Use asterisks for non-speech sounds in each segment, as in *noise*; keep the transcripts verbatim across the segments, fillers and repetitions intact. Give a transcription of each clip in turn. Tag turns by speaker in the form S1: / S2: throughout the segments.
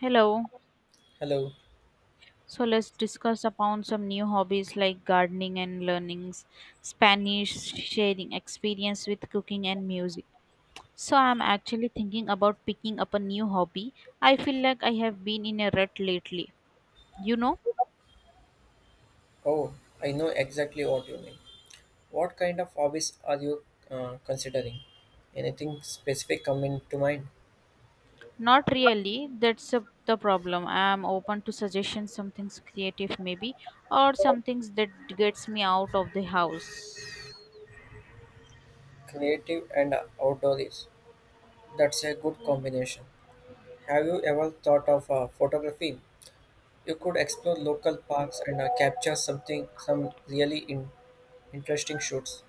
S1: Hello.
S2: Hello.
S1: So let's discuss upon some new hobbies like gardening and learning Spanish, sharing experience with cooking and music. So I'm actually thinking about picking up a new hobby. I feel like I have been in a rut lately. You know,
S2: Oh, I know exactly what you mean. What kind of hobbies are you uh, considering? Anything specific coming to mind?
S1: not really. That's a, the problem. I'm open to suggestions, something's creative maybe, or some things that gets me out of the house.
S2: Creative and outdoors. That's a good combination. Have you ever thought of uh, photography? You could explore local parks and uh, capture something, some really in- interesting shoots.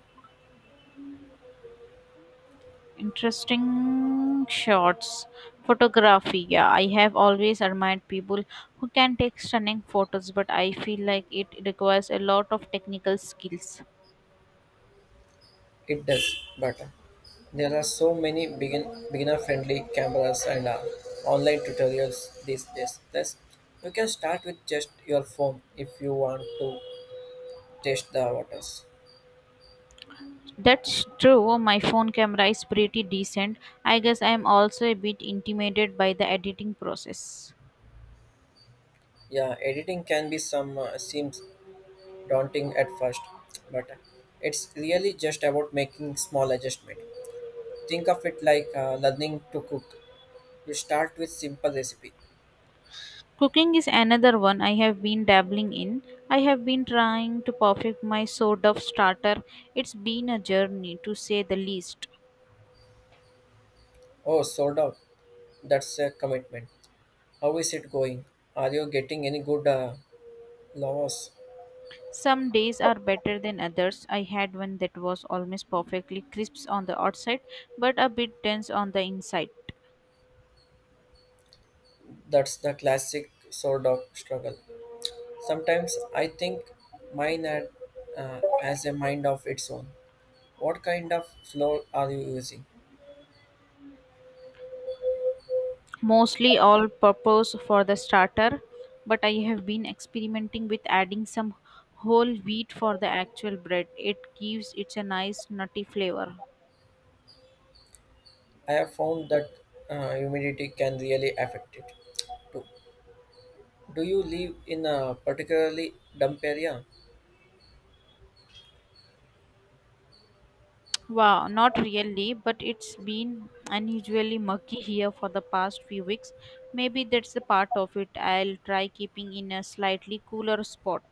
S1: Interesting shots. Photography. Yeah, I have always admired people who can take stunning photos, but I feel like it requires a lot of technical skills.
S2: It does, but uh, There are so many begin, beginner-friendly cameras and uh, online tutorials these days. Plus, you can start with just your phone if you want to test the waters.
S1: That's true. My phone camera is pretty decent. I guess I am also a bit intimidated by the editing process.
S2: Yeah, editing can be some uh, seems daunting at first, but uh, it's really just about making small adjustment. Think of it like uh, learning to cook. You start with simple recipe.
S1: Cooking is another one I have been dabbling in. I have been trying to perfect my sort of starter. It's been a journey to say the least.
S2: Oh, sold out. That's a commitment. How is it going? Are you getting any good uh, laws?
S1: Some days are better than others. I had one that was almost perfectly crisp on the outside but a bit dense on the inside.
S2: That's the classic sword dog struggle. Sometimes I think mine had, uh, has a mind of its own. What kind of floor are you using?
S1: Mostly all purpose for the starter, but I have been experimenting with adding some whole wheat for the actual bread. It gives it a nice nutty flavor.
S2: I have found that uh, humidity can really affect it. Do, do you live in a particularly damp area?
S1: Wow, not really, but it's been unusually murky here for the past few weeks. Maybe that's the part of it. I'll try keeping in a slightly cooler spot.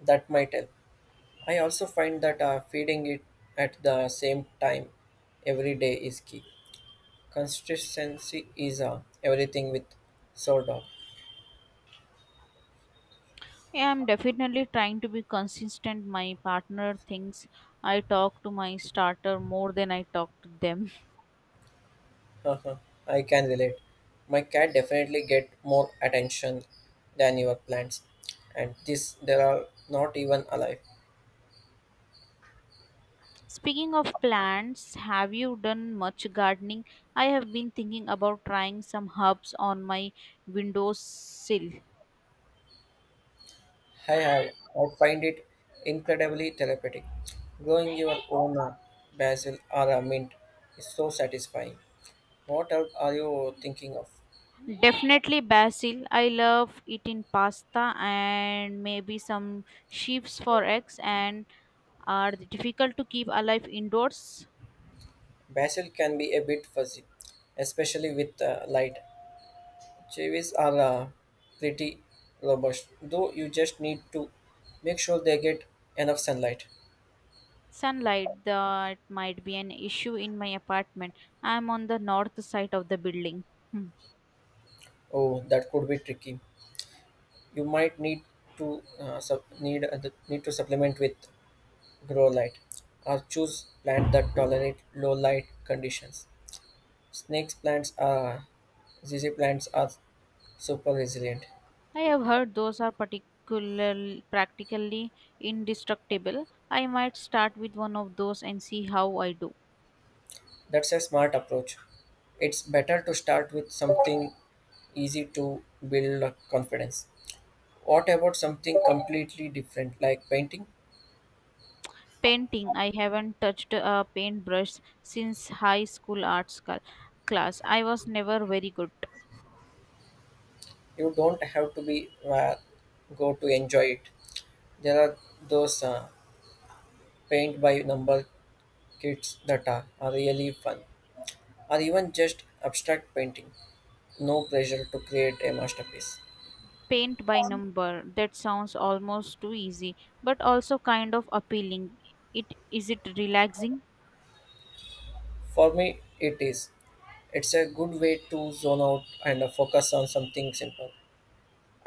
S2: That might help. I also find that uh, feeding it at the same time every day is key. Consistency is uh, everything with sword dog.
S1: Yeah, I'm definitely trying to be consistent. My partner thinks I talk to my starter more than I talk to them.
S2: Uh huh. I can relate. My cat definitely get more attention than your plants, and this they are not even alive.
S1: *laughs* Speaking of plants, have you done much gardening? I have been thinking about trying some herbs on my windowsill.
S2: I have. I find it incredibly therapeutic. Growing your own uh, basil or a mint is so satisfying. What else are you thinking of?
S1: Definitely basil. I love it in pasta and maybe some sheaves for eggs and are they difficult to keep alive indoors?
S2: Basil can be a bit fuzzy, especially with uh, light. Chivis are uh, pretty robust, though you just need to make sure they get enough sunlight.
S1: Sunlight, that might be an issue in my apartment. I'm on the north side of the building. Hmm.
S2: Oh, that could be tricky. You might need to uh, sup- need uh, the- need to supplement with grow light, or choose plant that tolerate low light conditions. Snakes plants are Z Z plants are super resilient.
S1: I have heard those are particular practically indestructible. I might start with one of those and see how I do.
S2: That's a smart approach. It's better to start with something easy to build up confidence. What about something completely different like painting?
S1: Painting. I haven't touched a paintbrush since high school arts cl- class. I was never very good.
S2: You don't have to be uh, go to enjoy it. There are those uh, paint by number kits that are, are really fun, or even just abstract painting. No pressure to create a masterpiece.
S1: Paint by number. That sounds almost too easy, but also kind of appealing. It is it relaxing?
S2: For me, it is. It's a good way to zone out and uh, focus on something simple.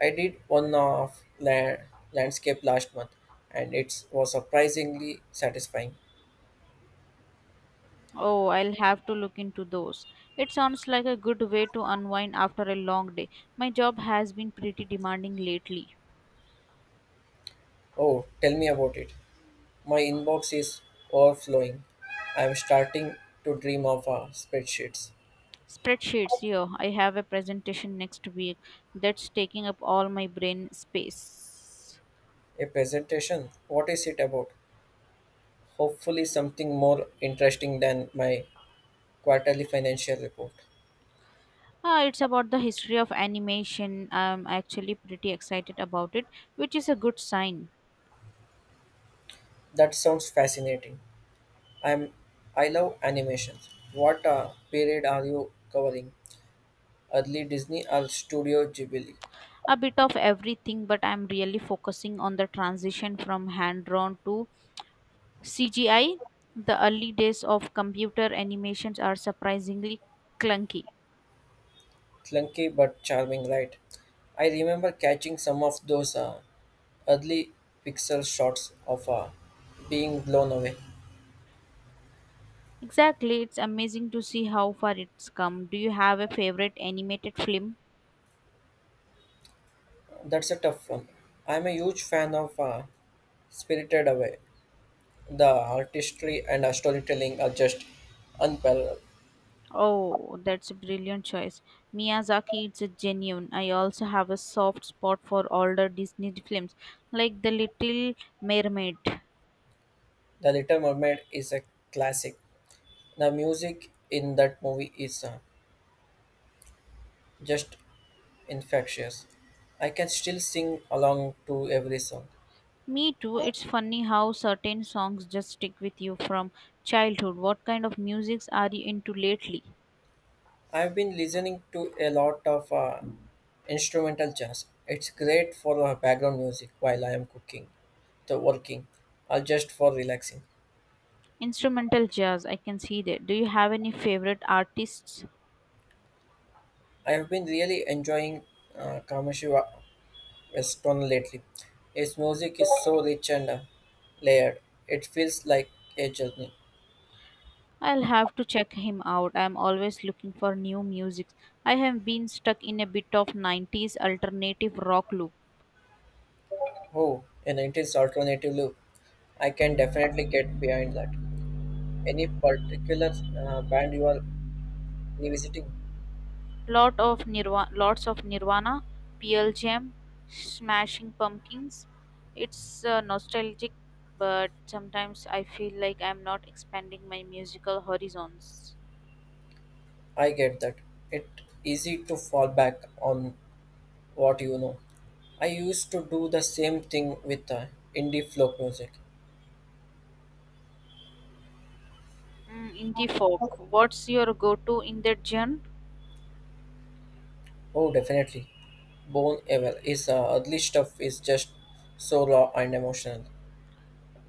S2: I did one of la- landscape last month, and it was surprisingly satisfying.
S1: Oh, I'll have to look into those. It sounds like a good way to unwind after a long day. My job has been pretty demanding lately.
S2: Oh, tell me about it. My inbox is overflowing. I am starting to dream of uh, spreadsheets.
S1: Spreadsheets, yeah, I have a presentation next week that's taking up all my brain space.
S2: A presentation? What is it about? Hopefully, something more interesting than my quarterly financial report.
S1: Ah, it's about the history of animation. I'm actually pretty excited about it, which is a good sign.
S2: That sounds fascinating. I'm I love animations. What uh, period are you covering? Early Disney or Studio Ghibli?
S1: A bit of everything, but I'm really focusing on the transition from hand drawn to C G I, the early days of computer animations are surprisingly clunky.
S2: Clunky but charming, right? I remember catching some of those uh, early pixel shots of uh, being blown away.
S1: Exactly, it's amazing to see how far it's come. Do you have a favorite animated film?
S2: That's a tough one. I'm a huge fan of uh, Spirited Away. The artistry and storytelling are just unparalleled.
S1: Oh, that's a brilliant choice. Miyazaki is a genuine. I also have a soft spot for older Disney films like The Little Mermaid.
S2: The Little Mermaid is a classic. The music in that movie is uh, just infectious. I can still sing along to every song.
S1: Me too. It's funny how certain songs just stick with you from childhood. What kind of musics are you into lately?
S2: I've been listening to a lot of uh, instrumental jazz. It's great for uh, background music while I am cooking, the working, or just for relaxing.
S1: Instrumental jazz, I can see that. Do you have any favorite artists?
S2: I have been really enjoying uh, commercial Stone lately. His music is so rich and uh, layered. It feels like a journey.
S1: I'll have to check him out. I'm always looking for new music. I have been stuck in a bit of nineties alternative rock loop.
S2: Oh, an nineties alternative loop. I can definitely get behind that. Any particular uh, band you are revisiting?
S1: Lot of Nirvana, lots of Nirvana, Pearl Jam, Smashing Pumpkins. It's uh, nostalgic, but sometimes I feel like I'm not expanding my musical horizons.
S2: I get that. It's easy to fall back on what you know. I used to do the same thing with uh, indie folk music.
S1: Mm, indie folk. What's your go-to in that genre?
S2: Oh, definitely. Bone Evil is uh, early stuff is just so raw and emotional.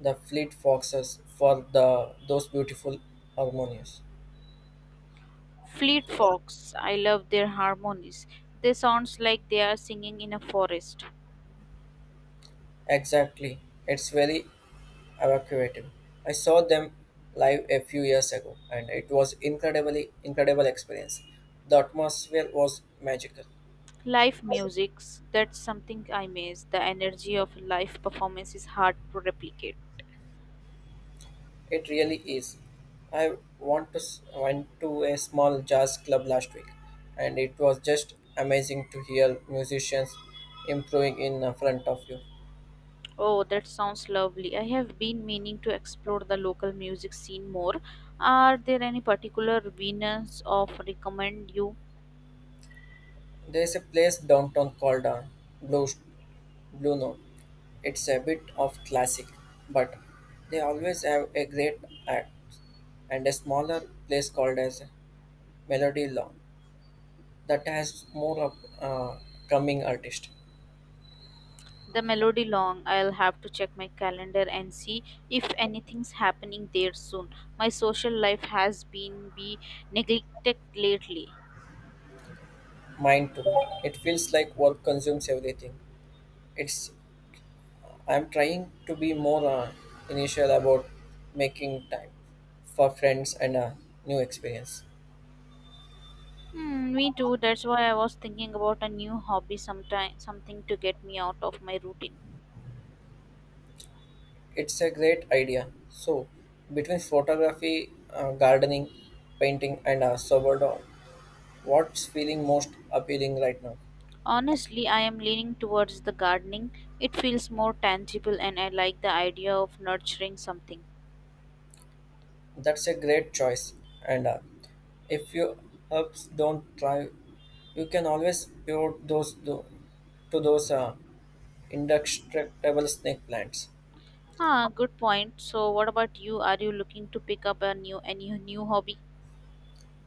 S2: The fleet foxes for the those beautiful harmonious.
S1: Fleet Fox. I love their harmonies. They sounds like they are singing in a forest.
S2: Exactly. It's very evocative. I saw them live a few years ago and it was incredibly incredible experience. The atmosphere was magical.
S1: Live musics. That's something I miss. The energy of a live performance is hard to replicate.
S2: It really is. I want to s- went to a small jazz club last week, and it was just amazing to hear musicians improving in uh, front of you.
S1: Oh, that sounds lovely. I have been meaning to explore the local music scene more. Are there any particular venues of recommend you?
S2: There is a place downtown called uh, Blue Blue Note. It's a bit of classic, but they always have a great act and a smaller place called as Melody Law that has more of uh, coming artist.
S1: The Melody Long, I'll have to check my calendar and see if anything's happening there soon. My social life has been be neglected lately.
S2: Mine too. It feels like work consumes everything. It's I'm trying to be more uh, initial about making time for friends and a new experience.
S1: Hmm, me too. That's why I was thinking about a new hobby sometime, something to get me out of my routine.
S2: It's a great idea. So, between photography, uh, gardening, painting, and uh, sourdough, what's feeling most appealing right now?
S1: Honestly, I am leaning towards the gardening. It feels more tangible and I like the idea of nurturing something.
S2: That's a great choice. And uh, if your herbs don't thrive, you can always pivot those do, to those uh, indestructible snake plants.
S1: Ah, good point. So what about you? Are you looking to pick up a new any new hobby?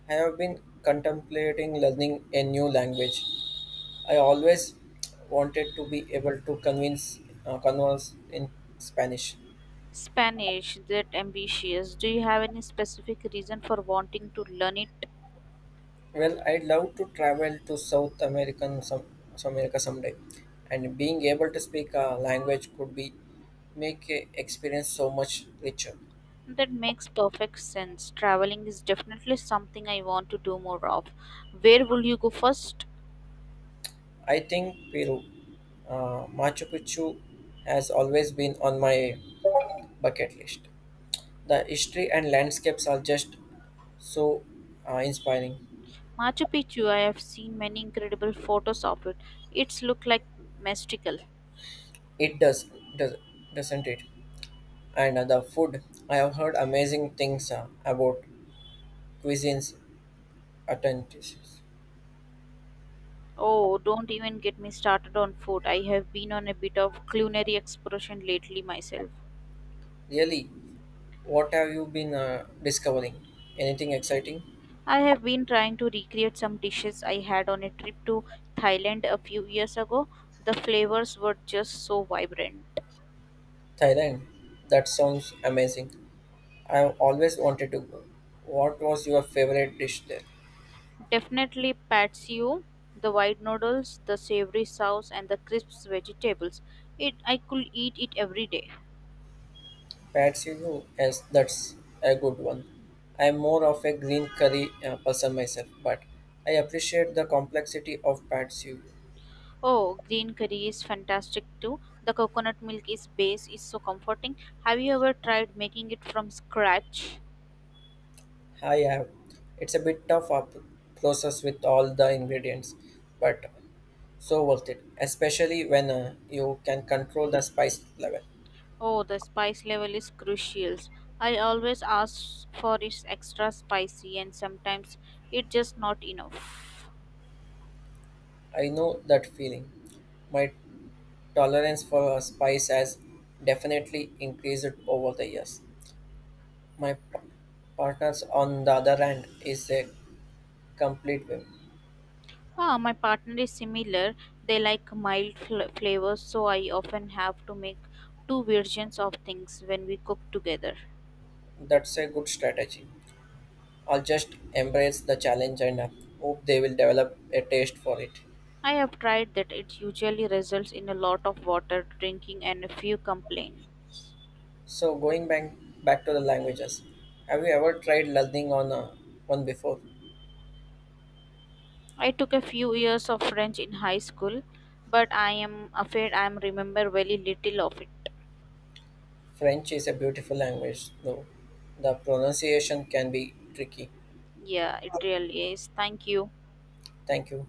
S2: I have been contemplating learning a new language. I always wanted to be able to convince uh, converse in Spanish.
S1: Spanish, that ambitious. Do you have any specific reason for wanting to learn it?
S2: Well, I'd love to travel to South American some South America someday, and being able to speak a language could be make a experience so much richer.
S1: That makes perfect sense. Traveling is definitely something I want to do more of. Where will you go first?
S2: I think Peru, uh, Machu Picchu, has always been on my bucket list. The history and landscapes are just so uh, inspiring.
S1: Machu Picchu. I have seen many incredible photos of it. It's look like mystical.
S2: It does, does doesn't it? And uh, the food, I have heard amazing things uh, about cuisines, authenticities.
S1: Oh, don't even get me started on food. I have been on a bit of culinary exploration lately myself.
S2: Really, what have you been uh, discovering? Anything exciting?
S1: I have been trying to recreate some dishes I had on a trip to Thailand a few years ago. The flavors were just so vibrant.
S2: Thailand? That sounds amazing. I've always wanted to go. What was your favorite dish there?
S1: Definitely Pad See Ew, the white noodles, the savory sauce, and the crisp vegetables. It I could eat it every day.
S2: Pad see ew, yes, that's a good one. I'm more of a green curry uh, person myself, but I appreciate the complexity of Pad see ew.
S1: Oh, green curry is fantastic too. The coconut milk is base is so comforting. Have you ever tried making it from scratch?
S2: I have. It's a bit tough up process with all the ingredients, but so worth it, especially when uh, you can control the spice level.
S1: Oh, the spice level is crucial. I always ask for is extra spicy and sometimes it's just not enough.
S2: I know that feeling. My tolerance for spice has definitely increased over the years. My p- partners, on the other hand, is a complete whim.
S1: Ah, my partner is similar. They like mild fl- flavors, so I often have to make two versions of things when we cook together.
S2: That's a good strategy. I'll just embrace the challenge and uh, hope they will develop a taste for it.
S1: I have tried that it usually results in a lot of water drinking and a few complaints.
S2: So, going back back to the languages, have you ever tried learning on uh, one before?
S1: I took a few years of French in high school, but I am afraid I remember very little of it.
S2: French is a beautiful language, though the pronunciation can be tricky.
S1: Yeah, it really is. Thank you.
S2: Thank you.